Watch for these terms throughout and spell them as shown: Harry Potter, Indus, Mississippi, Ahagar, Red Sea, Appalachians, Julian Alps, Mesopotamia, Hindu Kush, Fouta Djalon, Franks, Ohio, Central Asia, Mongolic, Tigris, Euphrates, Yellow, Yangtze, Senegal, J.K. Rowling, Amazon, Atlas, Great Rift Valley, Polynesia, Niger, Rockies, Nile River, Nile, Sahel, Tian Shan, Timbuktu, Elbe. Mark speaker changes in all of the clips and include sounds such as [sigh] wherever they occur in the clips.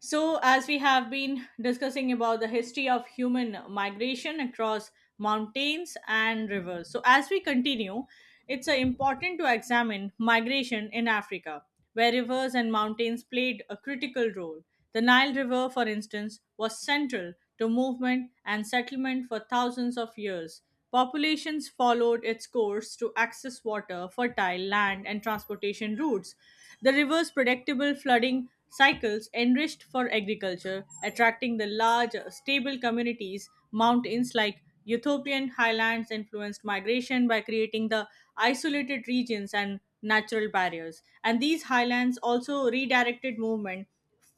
Speaker 1: So, as we have been discussing about the history of human migration across mountains and rivers, so as we continue, it's important to examine migration in Africa, where rivers and mountains played a critical role. The Nile River, for instance, was central to movement and settlement for thousands of years. Populations followed its course to access water, fertile land, and transportation routes. The river's predictable flooding cycles enriched for agriculture, attracting the large, stable communities. Mountains like Ethiopian highlands influenced migration by creating the isolated regions and natural barriers. And these highlands also redirected movement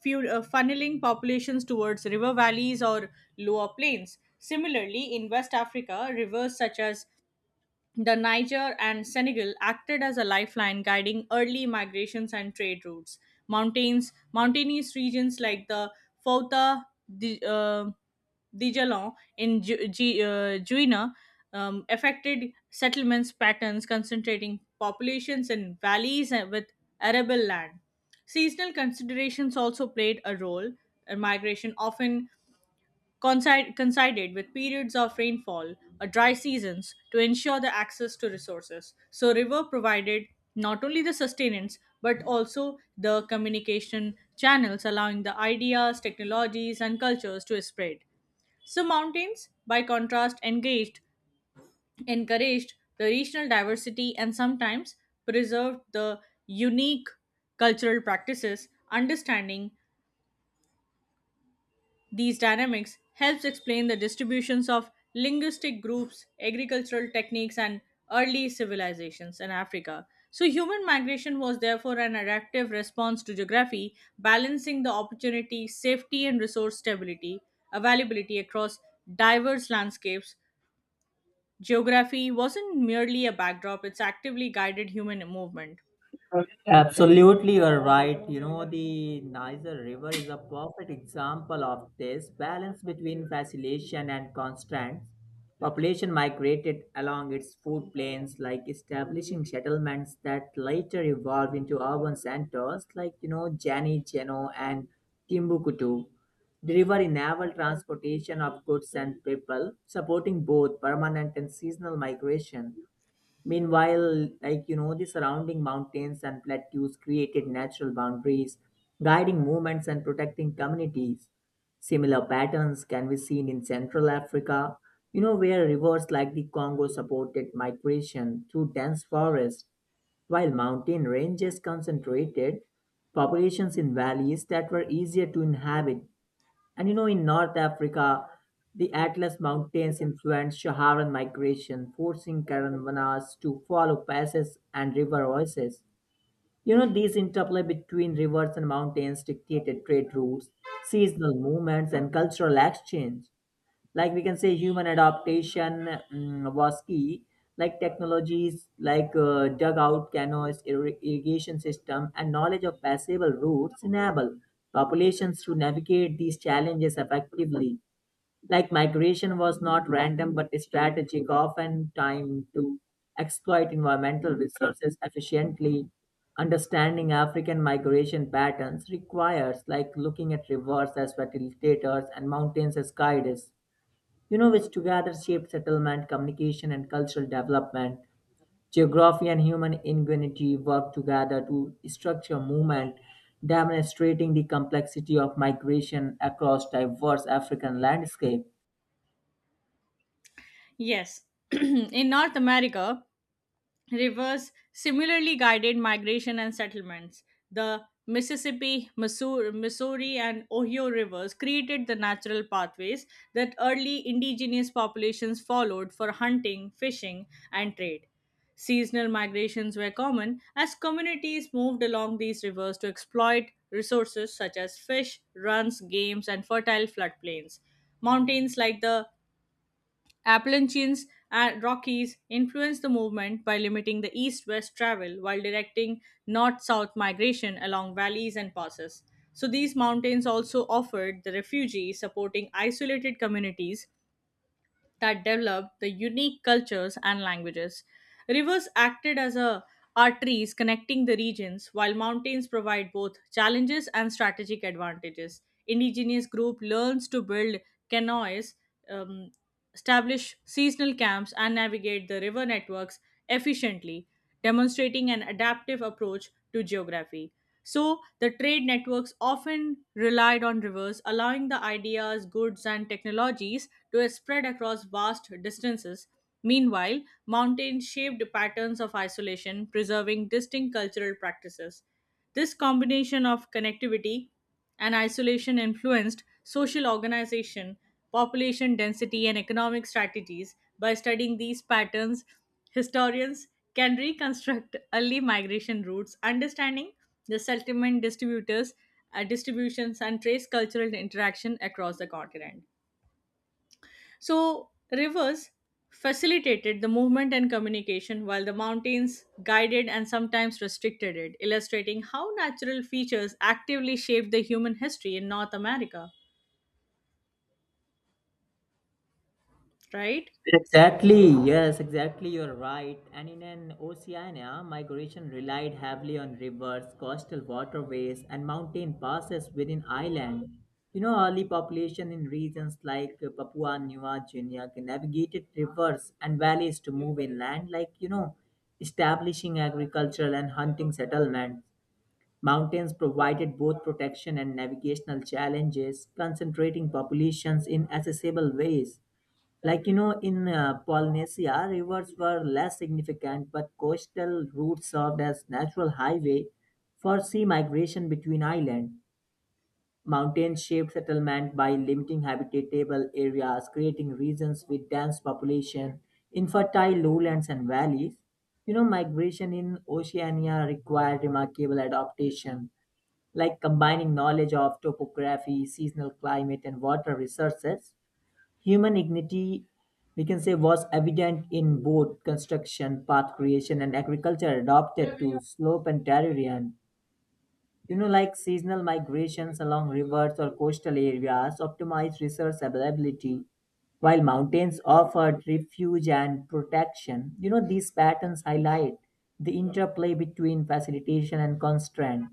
Speaker 1: funneling populations towards river valleys or lower plains. Similarly, in West Africa, rivers such as the Niger and Senegal acted as a lifeline, guiding early migrations and trade routes. Mountainous regions like the Fouta, Di- uh, Dijalon in Guinea affected settlements patterns, concentrating populations in valleys and with arable land. Seasonal considerations also played a role in migration, often coincided with periods of rainfall or dry seasons to ensure the access to resources. So, river provided not only the sustenance but also the communication channels, allowing the ideas, technologies, and cultures to spread. So, mountains, by contrast, encouraged the regional diversity and sometimes preserved the unique cultural practices, understanding These dynamics helps explain the distributions of linguistic groups, agricultural techniques and early civilizations in Africa. So human migration was therefore an adaptive response to geography, balancing the opportunity, safety and resource stability, availability across diverse landscapes. Geography wasn't merely a backdrop, it's actively guided human movement.
Speaker 2: Absolutely, you're right. You know, the Niger River is a perfect example of this balance between facilitation and constraints. Population migrated along its food plains, like establishing settlements that later evolved into urban centers, like, you know, Jani, Jeno, and Timbuktu. The river enabled transportation of goods and people, supporting both permanent and seasonal migration. Meanwhile, like you know, the surrounding mountains and plateaus created natural boundaries, guiding movements and protecting communities. Similar patterns can be seen in Central Africa, you know, where rivers like the Congo supported migration through dense forests, while mountain ranges concentrated populations in valleys that were easier to inhabit. And you know, in North Africa, the Atlas Mountains influenced Saharan migration, forcing caravanas to follow passes and river oases. You know, these interplay between rivers and mountains dictated trade routes, seasonal movements, and cultural exchange, like we can say human adaptation was key. Like technologies like dugout canoes, irrigation system, and knowledge of passable routes enable populations to navigate these challenges effectively. Like migration was not random but strategic, often time to exploit environmental resources efficiently. Understanding African migration patterns requires like looking at rivers as facilitators and mountains as guides, you know, which together shape settlement, communication, and cultural development. Geography and human ingenuity work together to structure movement, demonstrating the complexity of migration across diverse African landscape.
Speaker 1: Yes, [clears throat] in North America, rivers similarly guided migration and settlements. The Mississippi, Missouri, and Ohio rivers created the natural pathways that early indigenous populations followed for hunting, fishing, and trade. Seasonal migrations were common as communities moved along these rivers to exploit resources such as fish, runs, games, and fertile floodplains. Mountains like the Appalachians and Rockies influenced the movement by limiting the east west travel while directing north south migration along valleys and passes. So, these mountains also offered the refugees supporting isolated communities that developed the unique cultures and languages. Rivers acted as a arteries connecting the regions, while mountains provide both challenges and strategic advantages. Indigenous group learns to build canoes, um, establish seasonal camps, and navigate the river networks efficiently, demonstrating an adaptive approach to geography. So, the trade networks often relied on rivers, allowing the ideas, goods, and technologies to spread across vast distances. Meanwhile, mountains shaped patterns of isolation, preserving distinct cultural practices. This combination of connectivity and isolation influenced social organization, population density, and economic strategies. By studying these patterns, historians can reconstruct early migration routes, understanding the distributions, and trace cultural interaction across the continent. So, rivers facilitated the movement and communication, while the mountains guided and sometimes restricted it, illustrating how natural features actively shaped the human history in North America, right?
Speaker 2: Exactly, yes, exactly, you're right. And in an Oceania, migration relied heavily on rivers, coastal waterways, and mountain passes within island. You know, early population in regions like Papua New Guinea navigated rivers and valleys to move inland, like, you know, establishing agricultural and hunting settlements. Mountains provided both protection and navigational challenges, concentrating populations in accessible ways. Like you know, in Polynesia, rivers were less significant, but coastal routes served as natural highway for sea migration between islands. Mountains shaped settlement by limiting habitable areas, creating regions with dense population, infertile lowlands and valleys. You know, migration in Oceania required remarkable adaptation, like combining knowledge of topography, seasonal climate, and water resources. Human dignity, we can say, was evident in both construction, path creation, and agriculture adopted to slope and terrarian. You know, like seasonal migrations along rivers or coastal areas optimized resource availability, while mountains offered refuge and protection. You know, these patterns highlight the interplay between facilitation and constraint.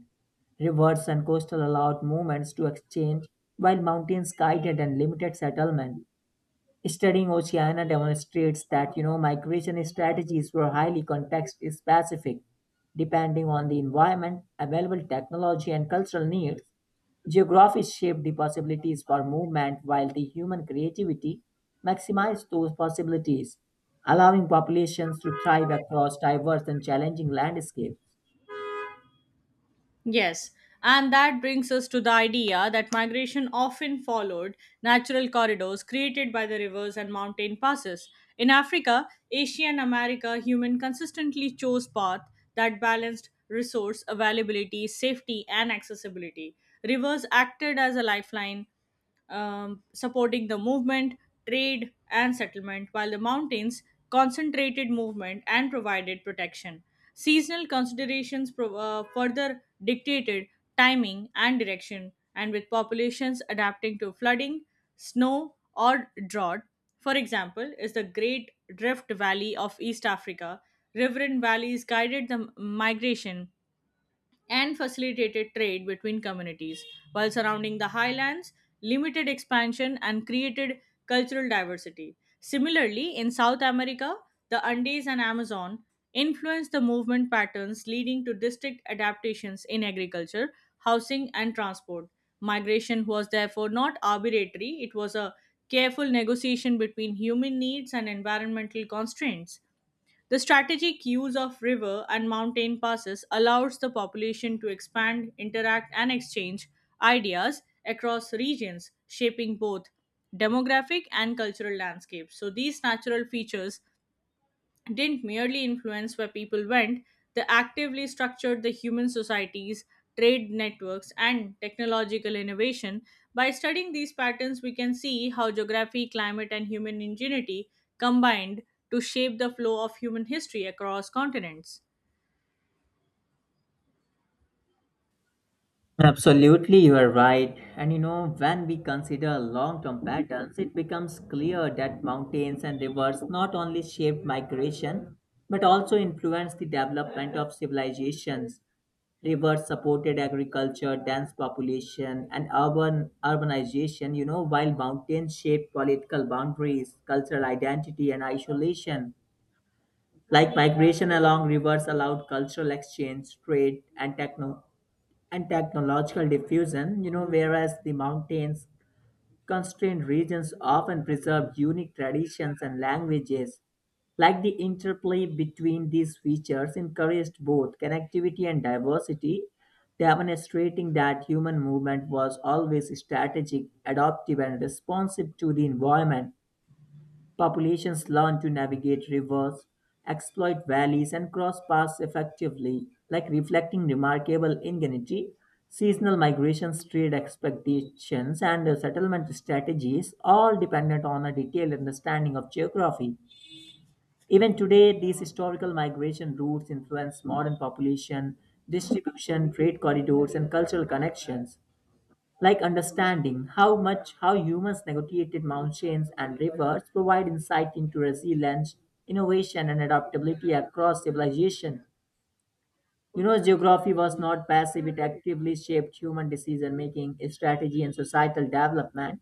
Speaker 2: Rivers and coastal allowed movements to exchange, while mountains guided and limited settlement. Studying Oceania demonstrates that you know migration strategies were highly context specific, depending on the environment, available technology, and cultural needs. Geography shaped the possibilities for movement, while the human creativity maximized those possibilities, allowing populations to thrive across diverse and challenging landscapes.
Speaker 1: Yes, and that brings us to the idea that migration often followed natural corridors created by the rivers and mountain passes. In Africa, Asia, and America, human consistently chose paths that balanced resource availability, safety, and accessibility. Rivers acted as a lifeline, supporting the movement, trade, and settlement, while the mountains concentrated movement and provided protection. Seasonal considerations further dictated timing and direction, and with populations adapting to flooding, snow, or drought. For example, is the Great Rift Valley of East Africa. Riverine valleys guided the migration and facilitated trade between communities, while surrounding the highlands limited expansion and created cultural diversity. Similarly, in South America, the Andes and Amazon influenced the movement patterns leading to distinct adaptations in agriculture, housing, and transport. Migration was therefore not arbitrary, it was a careful negotiation between human needs and environmental constraints. The strategic use of river and mountain passes allows the population to expand, interact, and exchange ideas across regions, shaping both demographic and cultural landscapes. So, these natural features didn't merely influence where people went, they actively structured the human societies, trade networks, and technological innovation. By studying these patterns, we can see how geography, climate, and human ingenuity combined to shape the flow of human history across continents.
Speaker 2: Absolutely, you are right. And you know, when we consider long term patterns, it becomes clear that mountains and rivers not only shaped migration but also influenced the development of civilizations. Rivers supported agriculture, dense population, and urban urbanization, you know, while mountains shaped political boundaries, cultural identity, and isolation. Like migration along rivers allowed cultural exchange, trade, and and technological diffusion, you know, whereas the mountains constrained regions often preserve unique traditions and languages. Like the interplay between these features encouraged both connectivity and diversity, demonstrating that human movement was always strategic, adaptive, and responsive to the environment. Populations learn to navigate rivers, exploit valleys, and cross paths effectively, like reflecting remarkable ingenuity. Seasonal migrations, trade expectations, and settlement strategies all dependent on a detailed understanding of geography. Even today, these historical migration routes influence modern population distribution, trade corridors, and cultural connections, like understanding how humans negotiated mountains and rivers provide insight into resilience, innovation, and adaptability across civilization. You know, geography was not passive, it actively shaped human decision making, strategy, and societal development.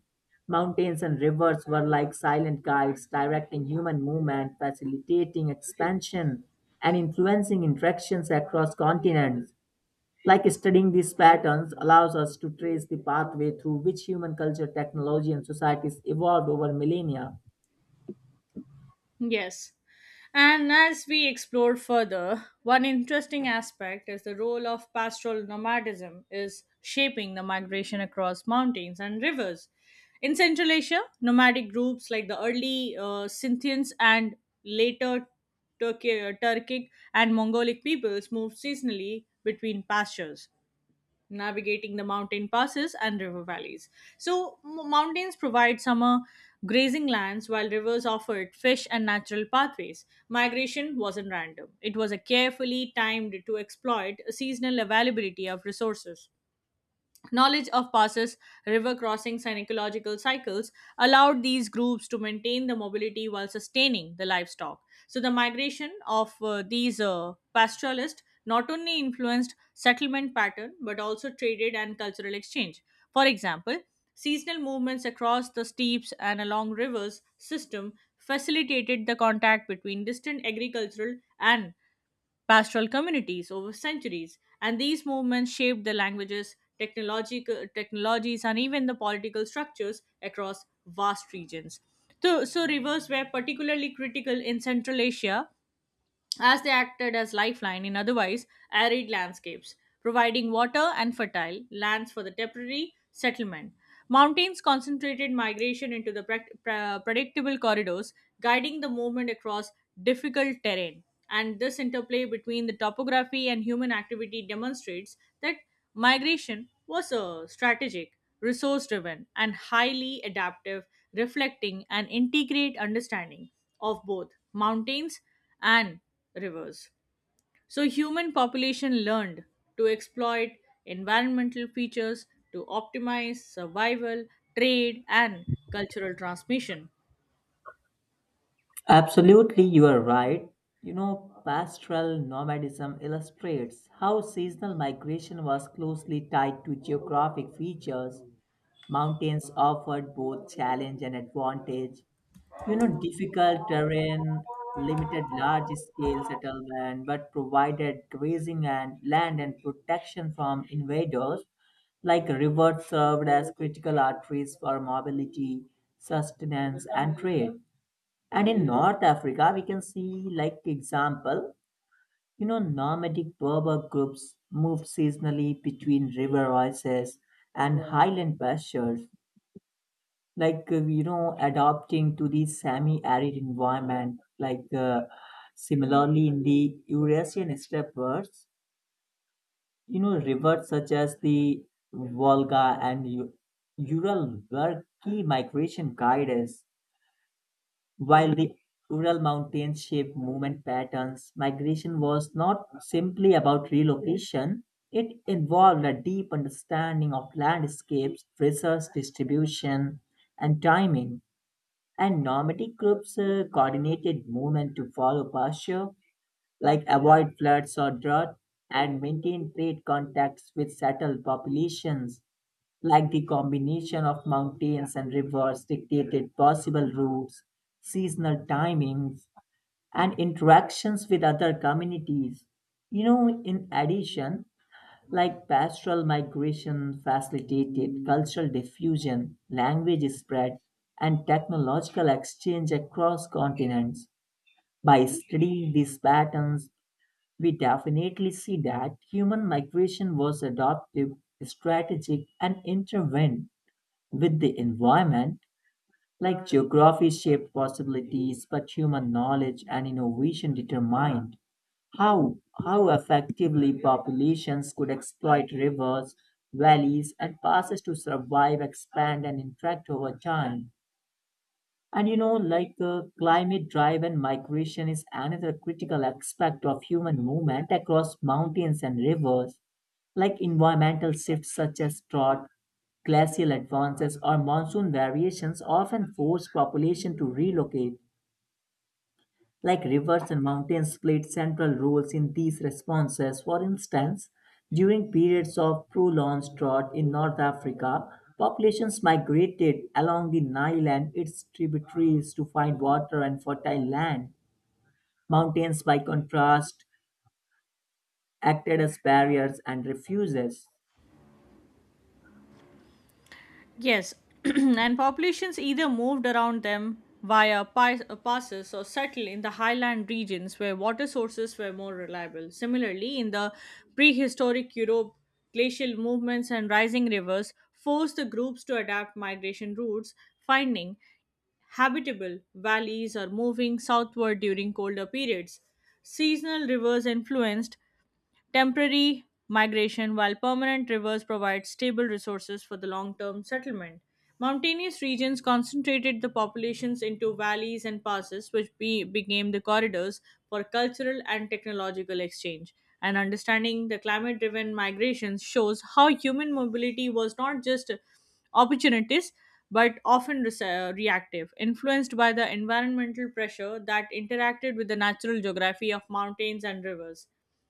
Speaker 2: Mountains and rivers were like silent guides, directing human movement, facilitating expansion, and influencing interactions across continents. Like studying these patterns allows us to trace the pathway through which human culture, technology, and societies evolved over millennia.
Speaker 1: Yes. And as we explore further, one interesting aspect is the role of pastoral nomadism is shaping the migration across mountains and rivers. In Central Asia, nomadic groups like the early Scythians and later Turkic and Mongolic peoples moved seasonally between pastures navigating the mountain passes and river valleys. So, mountains provide summer grazing lands while rivers offered fish and natural pathways. Migration wasn't random, it was a carefully timed to exploit a seasonal availability of resources. Knowledge of passes, river crossings, and ecological cycles allowed these groups to maintain the mobility while sustaining the livestock. So, the migration of these pastoralists not only influenced settlement pattern but also traded and cultural exchange. For example, seasonal movements across the steeps and along rivers system facilitated the contact between distant agricultural and pastoral communities over centuries, and these movements shaped the languages, technological technologies, and even the political structures across vast regions. So rivers were particularly critical in Central Asia as they acted as lifeline in otherwise arid landscapes, providing water and fertile lands for the temporary settlement. Mountains concentrated migration into the predictable corridors, guiding the movement across difficult terrain. And this interplay between the topography and human activity demonstrates that migration was a strategic, resource driven, and highly adaptive, reflecting an integrate understanding of both mountains and rivers. So, human population learned to exploit environmental features to optimize survival, trade, and cultural transmission.
Speaker 2: Absolutely, you are right. You know, pastoral nomadism illustrates how seasonal migration was closely tied to geographic features. Mountains offered both challenge and advantage. You know, difficult terrain limited large scale settlement but provided grazing and land and protection from invaders. Like rivers served as critical arteries for mobility, sustenance, and trade. And in North Africa we can see like example, you know, nomadic Berber groups moved seasonally between river oases and highland pastures, like you know, adapting to the semi-arid environment. Like similarly in the Eurasian steppes, you know, rivers such as the Volga and Ural were key migration guides, while the Ural mountains shaped movement patterns. Migration was not simply about relocation, it involved a deep understanding of landscapes, resource distribution, and timing. And nomadic groups coordinated movement to follow pasture, like avoid floods or drought, and maintain trade contacts with settled populations, like the combination of mountains and rivers dictated possible routes, seasonal timings, and interactions with other communities. You know, in addition, like pastoral migration facilitated cultural diffusion, language spread, and technological exchange across continents. By studying these patterns, we definitely see that human migration was adaptive, strategic, and intervened with the environment. Like geography shaped possibilities, but human knowledge and innovation determined how how effectively populations could exploit rivers, valleys, and passes to survive, expand, and interact over time. And you know, like climate drive and migration is another critical aspect of human movement across mountains and rivers. Like environmental shifts such as drought, glacial advances, or monsoon variations often force population to relocate. Like rivers and mountains played central roles in these responses. For instance, during periods of prolonged drought in North Africa, populations migrated along the Nile and its tributaries to find water and fertile land. Mountains, by contrast, acted as barriers and refuges.
Speaker 1: Yes, [clears throat] and populations either moved around them via passes or settled in the highland regions where water sources were more reliable. Similarly, in the prehistoric Europe, glacial movements and rising rivers forced the groups to adapt migration routes, finding habitable valleys or moving southward during colder periods. Seasonal rivers influenced temporary migration, while permanent rivers provide stable resources for the long term settlement. Mountainous regions concentrated the populations into valleys and passes, which became the corridors for cultural and technological exchange. And understanding the climate driven migrations shows how human mobility was not just opportunities but often reactive, influenced by the environmental pressure that interacted with the natural geography of mountains and rivers.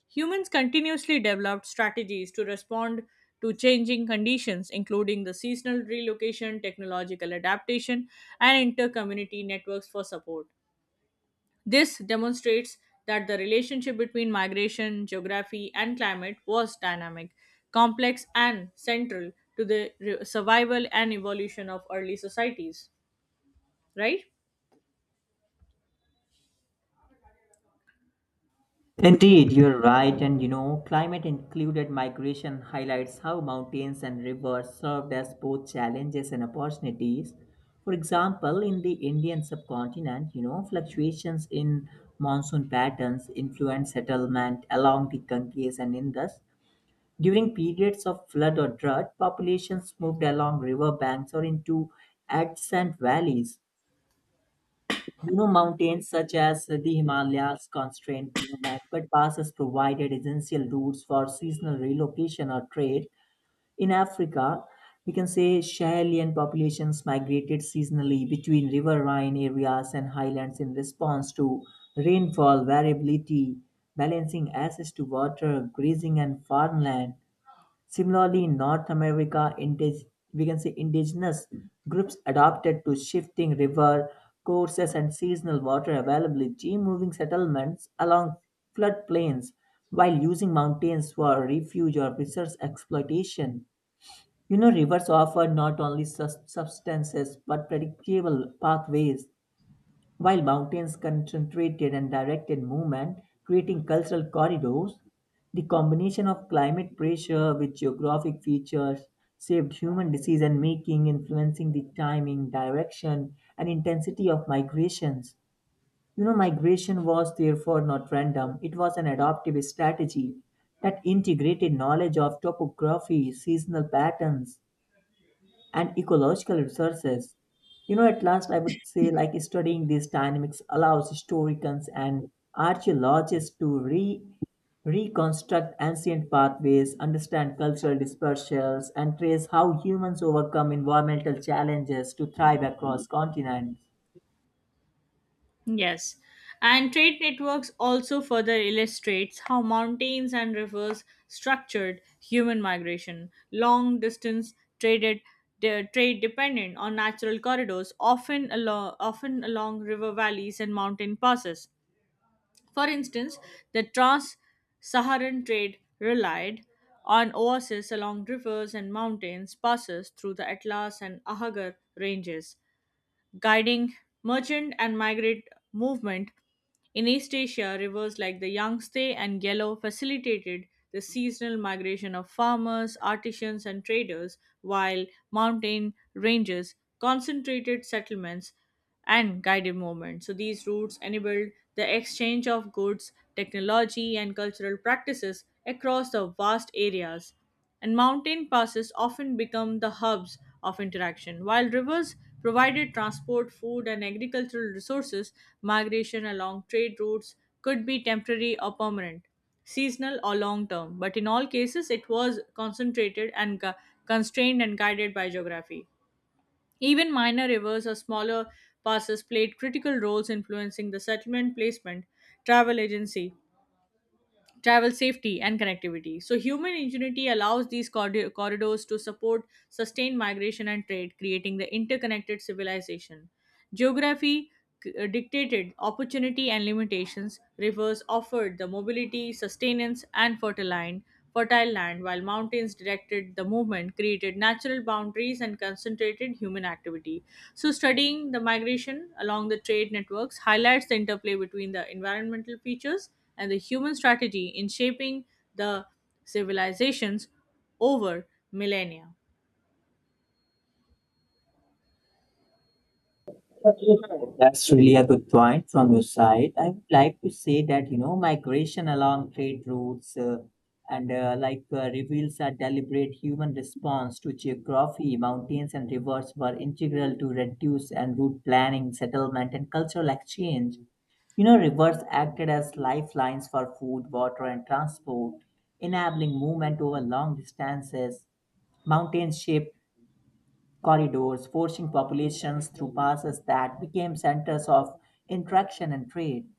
Speaker 1: Humans continuously developed strategies to respond to changing conditions, including the seasonal relocation, technological adaptation, and inter-community networks for support. This demonstrates that the relationship between migration, geography, and climate was dynamic, complex, and central to the survival and evolution of early societies. Right?
Speaker 2: Indeed, you're right, and you know, climate included migration highlights how mountains and rivers served as both challenges and opportunities. For example, in the Indian subcontinent, you know, fluctuations in monsoon patterns influence settlement along the Ganges and Indus. During periods of flood or drought, populations moved along river banks or into adjacent valleys. You know, mountains such as the Himalayas constrained movement, but passes provided essential routes for seasonal relocation or trade. In Africa, we can say Sahelian populations migrated seasonally between riverine areas and highlands in response to rainfall variability, balancing access to water, grazing, and farmland. Similarly, in North America, we can say indigenous groups adapted to shifting river courses and seasonal water availability, moving settlements along floodplains while using mountains for refuge or resource exploitation. You know, rivers offer not only substances but predictable pathways, while mountains concentrated and directed movement, creating cultural corridors. The combination of climate pressure with geographic features shaped human decision making, influencing the timing, direction, and intensity of migrations. You know, migration was therefore not random, it was an adaptive strategy that integrated knowledge of topography, seasonal patterns, and ecological resources. You know, at last, I would say, like studying these dynamics allows historians and archaeologists to reconstruct ancient pathways, understand cultural dispersals, and trace how humans overcome environmental challenges to thrive across continents.
Speaker 1: Yes, and trade networks also further illustrates how mountains and rivers structured human migration. Long distance traded trade dependent on natural corridors, often along river valleys and mountain passes. For instance, the trans-Saharan trade relied on oases along rivers and mountains passes through the Atlas and Ahagar ranges guiding merchant and migrant movement in East Asia, rivers like the Yangtze and Yellow facilitated the seasonal migration of farmers, artisans, and traders, while mountain ranges concentrated settlements and guided movement. So, these routes enabled the exchange of goods, technology, and cultural practices across the vast areas and mountain passes often become the hubs of interaction. While rivers provided transport, food, and agricultural resources, migration along trade routes could be temporary or permanent, seasonal or long term, but in all cases, it was constrained and guided by geography. Even minor rivers or smaller passes played critical roles influencing the settlement placement, travel agency, travel safety, and connectivity. So, human ingenuity allows these corridors to support sustained migration and trade, creating the interconnected civilization. Geography dictated opportunity and limitations, rivers offered the mobility, sustenance, and fertile land, while mountains directed the movement, created natural boundaries, and concentrated human activity. So, studying the migration along the trade networks highlights the interplay between the environmental features and the human strategy in shaping the civilizations over millennia.
Speaker 2: That's really a good point from your side. I would like to say that, you know, migration along trade routes and like reveals a deliberate human response to geography. Mountains and rivers were integral to reduce and route planning, settlement, and cultural exchange. You know, rivers acted as lifelines for food, water, and transport, enabling movement over long distances. Mountains shaped corridors, forcing populations through passes that became centers of interaction and trade.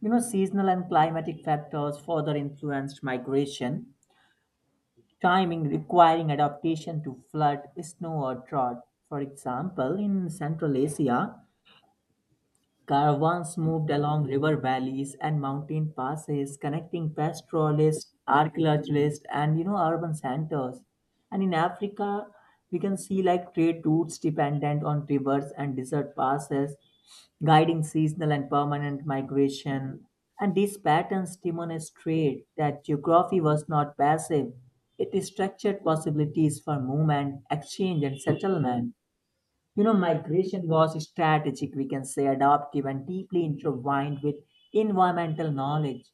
Speaker 2: You know, seasonal and climatic factors further influenced migration, timing requiring adaptation to flood, snow, or drought. For example, in Central Asia, caravans moved along river valleys and mountain passes, connecting pastoralists, archaeologists, and you know urban centers. And in Africa, we can see like trade routes dependent on rivers and desert passes, guiding seasonal and permanent migration. And these patterns demonstrate that geography was not passive; it structured possibilities for movement, exchange, and settlement. You know, migration was strategic, we can say adaptive and deeply intertwined with environmental knowledge.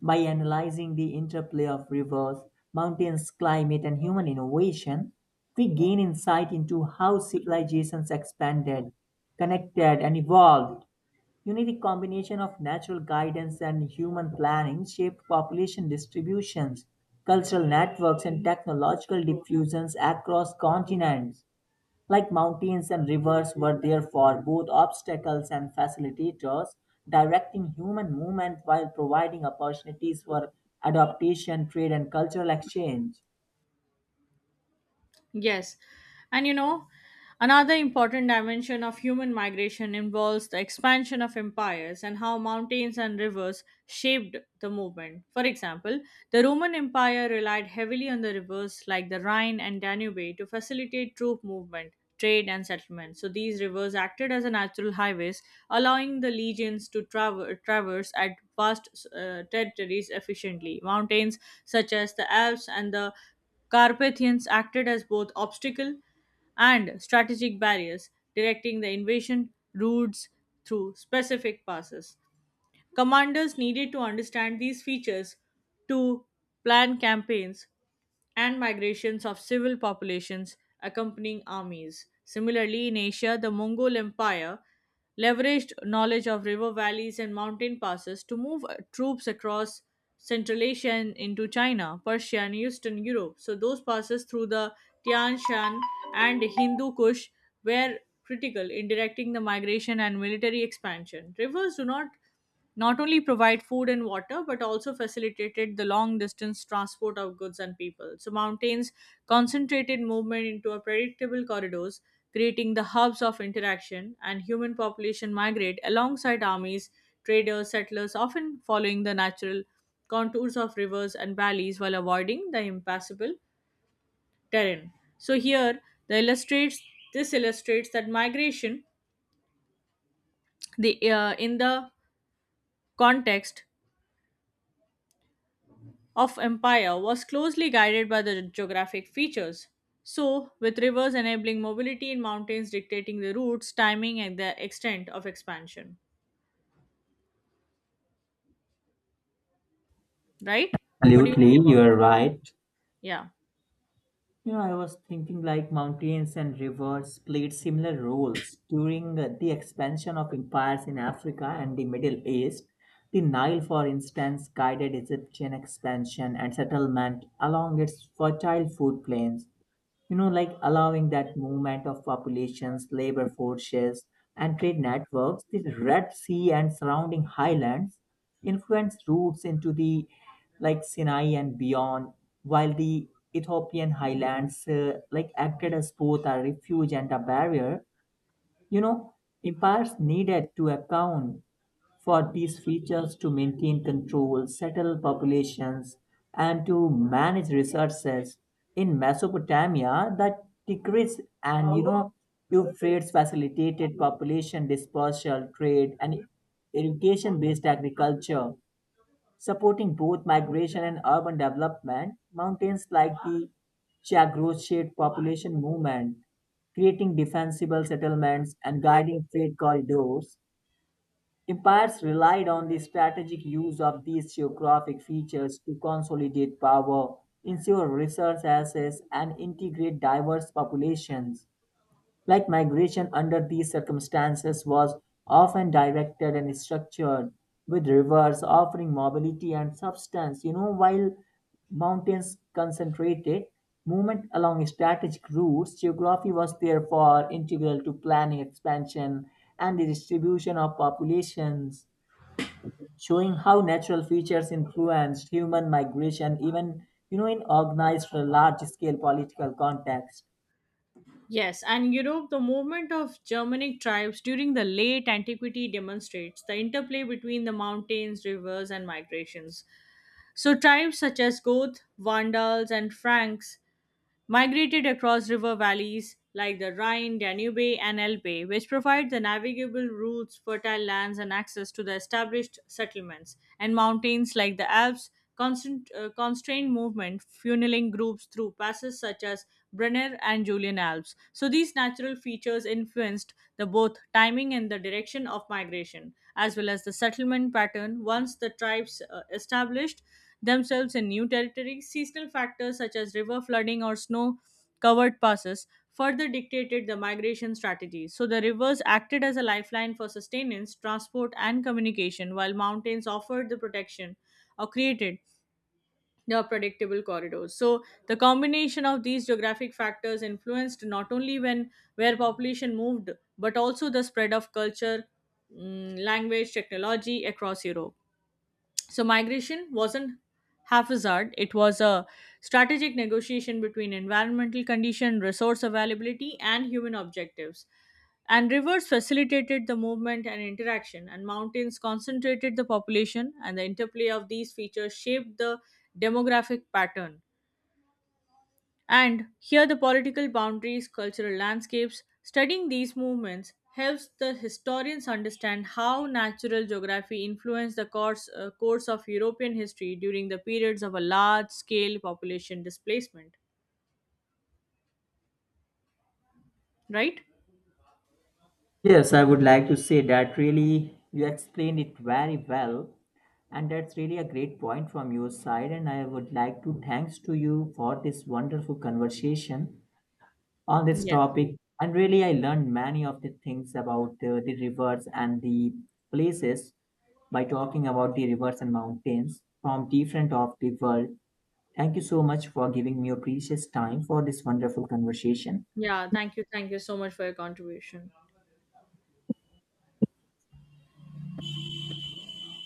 Speaker 2: By analyzing the interplay of rivers, mountains, climate, and human innovation, we gain insight into how civilizations expanded, connected, and evolved. You need a combination of natural guidance and human planning shaped population distributions, cultural networks, and technological diffusions across continents. Like mountains and rivers were therefore both obstacles and facilitators, directing human movement while providing opportunities for adaptation, trade, and cultural exchange.
Speaker 1: Yes. And you know, another important dimension of human migration involves the expansion of empires and how mountains and rivers shaped the movement. For example, the Roman Empire relied heavily on the rivers like the Rhine and Danube to facilitate troop movement, trade, and settlement. So these rivers acted as a natural highways, allowing the legions to traverse at vast territories efficiently. Mountains such as the Alps and the Carpathians acted as both obstacle and strategic barriers, directing the invasion routes through specific passes. Commanders needed to understand these features to plan campaigns and migrations of civil populations accompanying armies. Similarly, in Asia, the Mongol Empire leveraged knowledge of river valleys and mountain passes to move troops across Central Asia and into China, Persia, and Eastern Europe. So, those passes through the Tian Shan and Hindu Kush were critical in directing the migration and military expansion. Rivers do not not only provide food and water but also facilitated the long distance transport of goods and people. So mountains concentrated movement into a predictable corridors, creating the hubs of interaction and human population migrate alongside armies, traders, settlers, often following the natural contours of rivers and valleys while avoiding the impassable terrain. So here the illustrates this illustrates that migration the in the context of empire was closely guided by the geographic features. So, with rivers enabling mobility and mountains dictating the routes, timing, and the extent of expansion. Right? What do you say
Speaker 2: Absolutely,
Speaker 1: about
Speaker 2: you're right.
Speaker 1: it? Yeah.
Speaker 2: You know, I was thinking like mountains and rivers played similar roles during the expansion of empires in Africa and the Middle East. The Nile, for instance, guided Egyptian expansion and settlement along its fertile food plains, you know, like allowing that movement of populations, labor forces, and trade networks. The Red Sea and surrounding highlands influenced routes into the like Sinai and beyond, while the Ethiopian highlands like acted as both a refuge and a barrier. You know, empires needed to account for these features to maintain control, settle populations, and to manage resources. In Mesopotamia, the Tigris and you know Euphrates facilitated population dispersal, trade, and irrigation-based agriculture, supporting both migration and urban development. Mountains like the Chagros shaped population movement, creating defensible settlements and guiding trade corridors. Empires relied on the strategic use of these geographic features to consolidate power, ensure resource access, and integrate diverse populations. Like migration under these circumstances was often directed and structured, with rivers offering mobility and substance, you know, while mountains concentrated movement along strategic routes. Geography was therefore integral to planning expansion and the distribution of populations, showing how natural features influenced human migration even you know in organized large scale political context.
Speaker 1: Yes, and you know, the movement of Germanic tribes during the late antiquity demonstrates the interplay between the mountains, rivers, and migrations. So, tribes such as Goth, Vandals, and Franks migrated across river valleys like the Rhine, Danube, and Elbe, which provide the navigable routes, fertile lands, and access to the established settlements, and mountains like the Alps. Constrained movement, funneling groups through passes such as Brenner and Julian Alps. So these natural features influenced the both timing and the direction of migration, as well as the settlement pattern. Once the tribes established, themselves in new territory, seasonal factors such as river flooding or snow covered passes further dictated the migration strategies. So the rivers acted as a lifeline for sustenance, transport, and communication, while mountains offered the protection or created the predictable corridors. So the combination of these geographic factors influenced not only when where population moved, but also the spread of culture, language, technology across Europe. So migration wasn't haphazard, it was a strategic negotiation between environmental condition, resource availability, and human objectives. And rivers facilitated the movement and interaction, and mountains concentrated the population, and the interplay of these features shaped the demographic pattern. And here the political boundaries, cultural landscapes, studying these movements helps the historians understand how natural geography influenced the course of European history during the periods of a large scale population displacement. Right?
Speaker 2: Yes, I would like to say that really you explained it very well, and that's really a great point from your side. And I would like to thanks to you for this wonderful conversation on this
Speaker 1: Yes.
Speaker 2: topic. And really, I learned many of the things about the rivers and the places by talking about the rivers and mountains from different of the world. Thank you so much for giving me your precious time for this wonderful conversation.
Speaker 1: Yeah, thank you. Thank you so much for your contribution.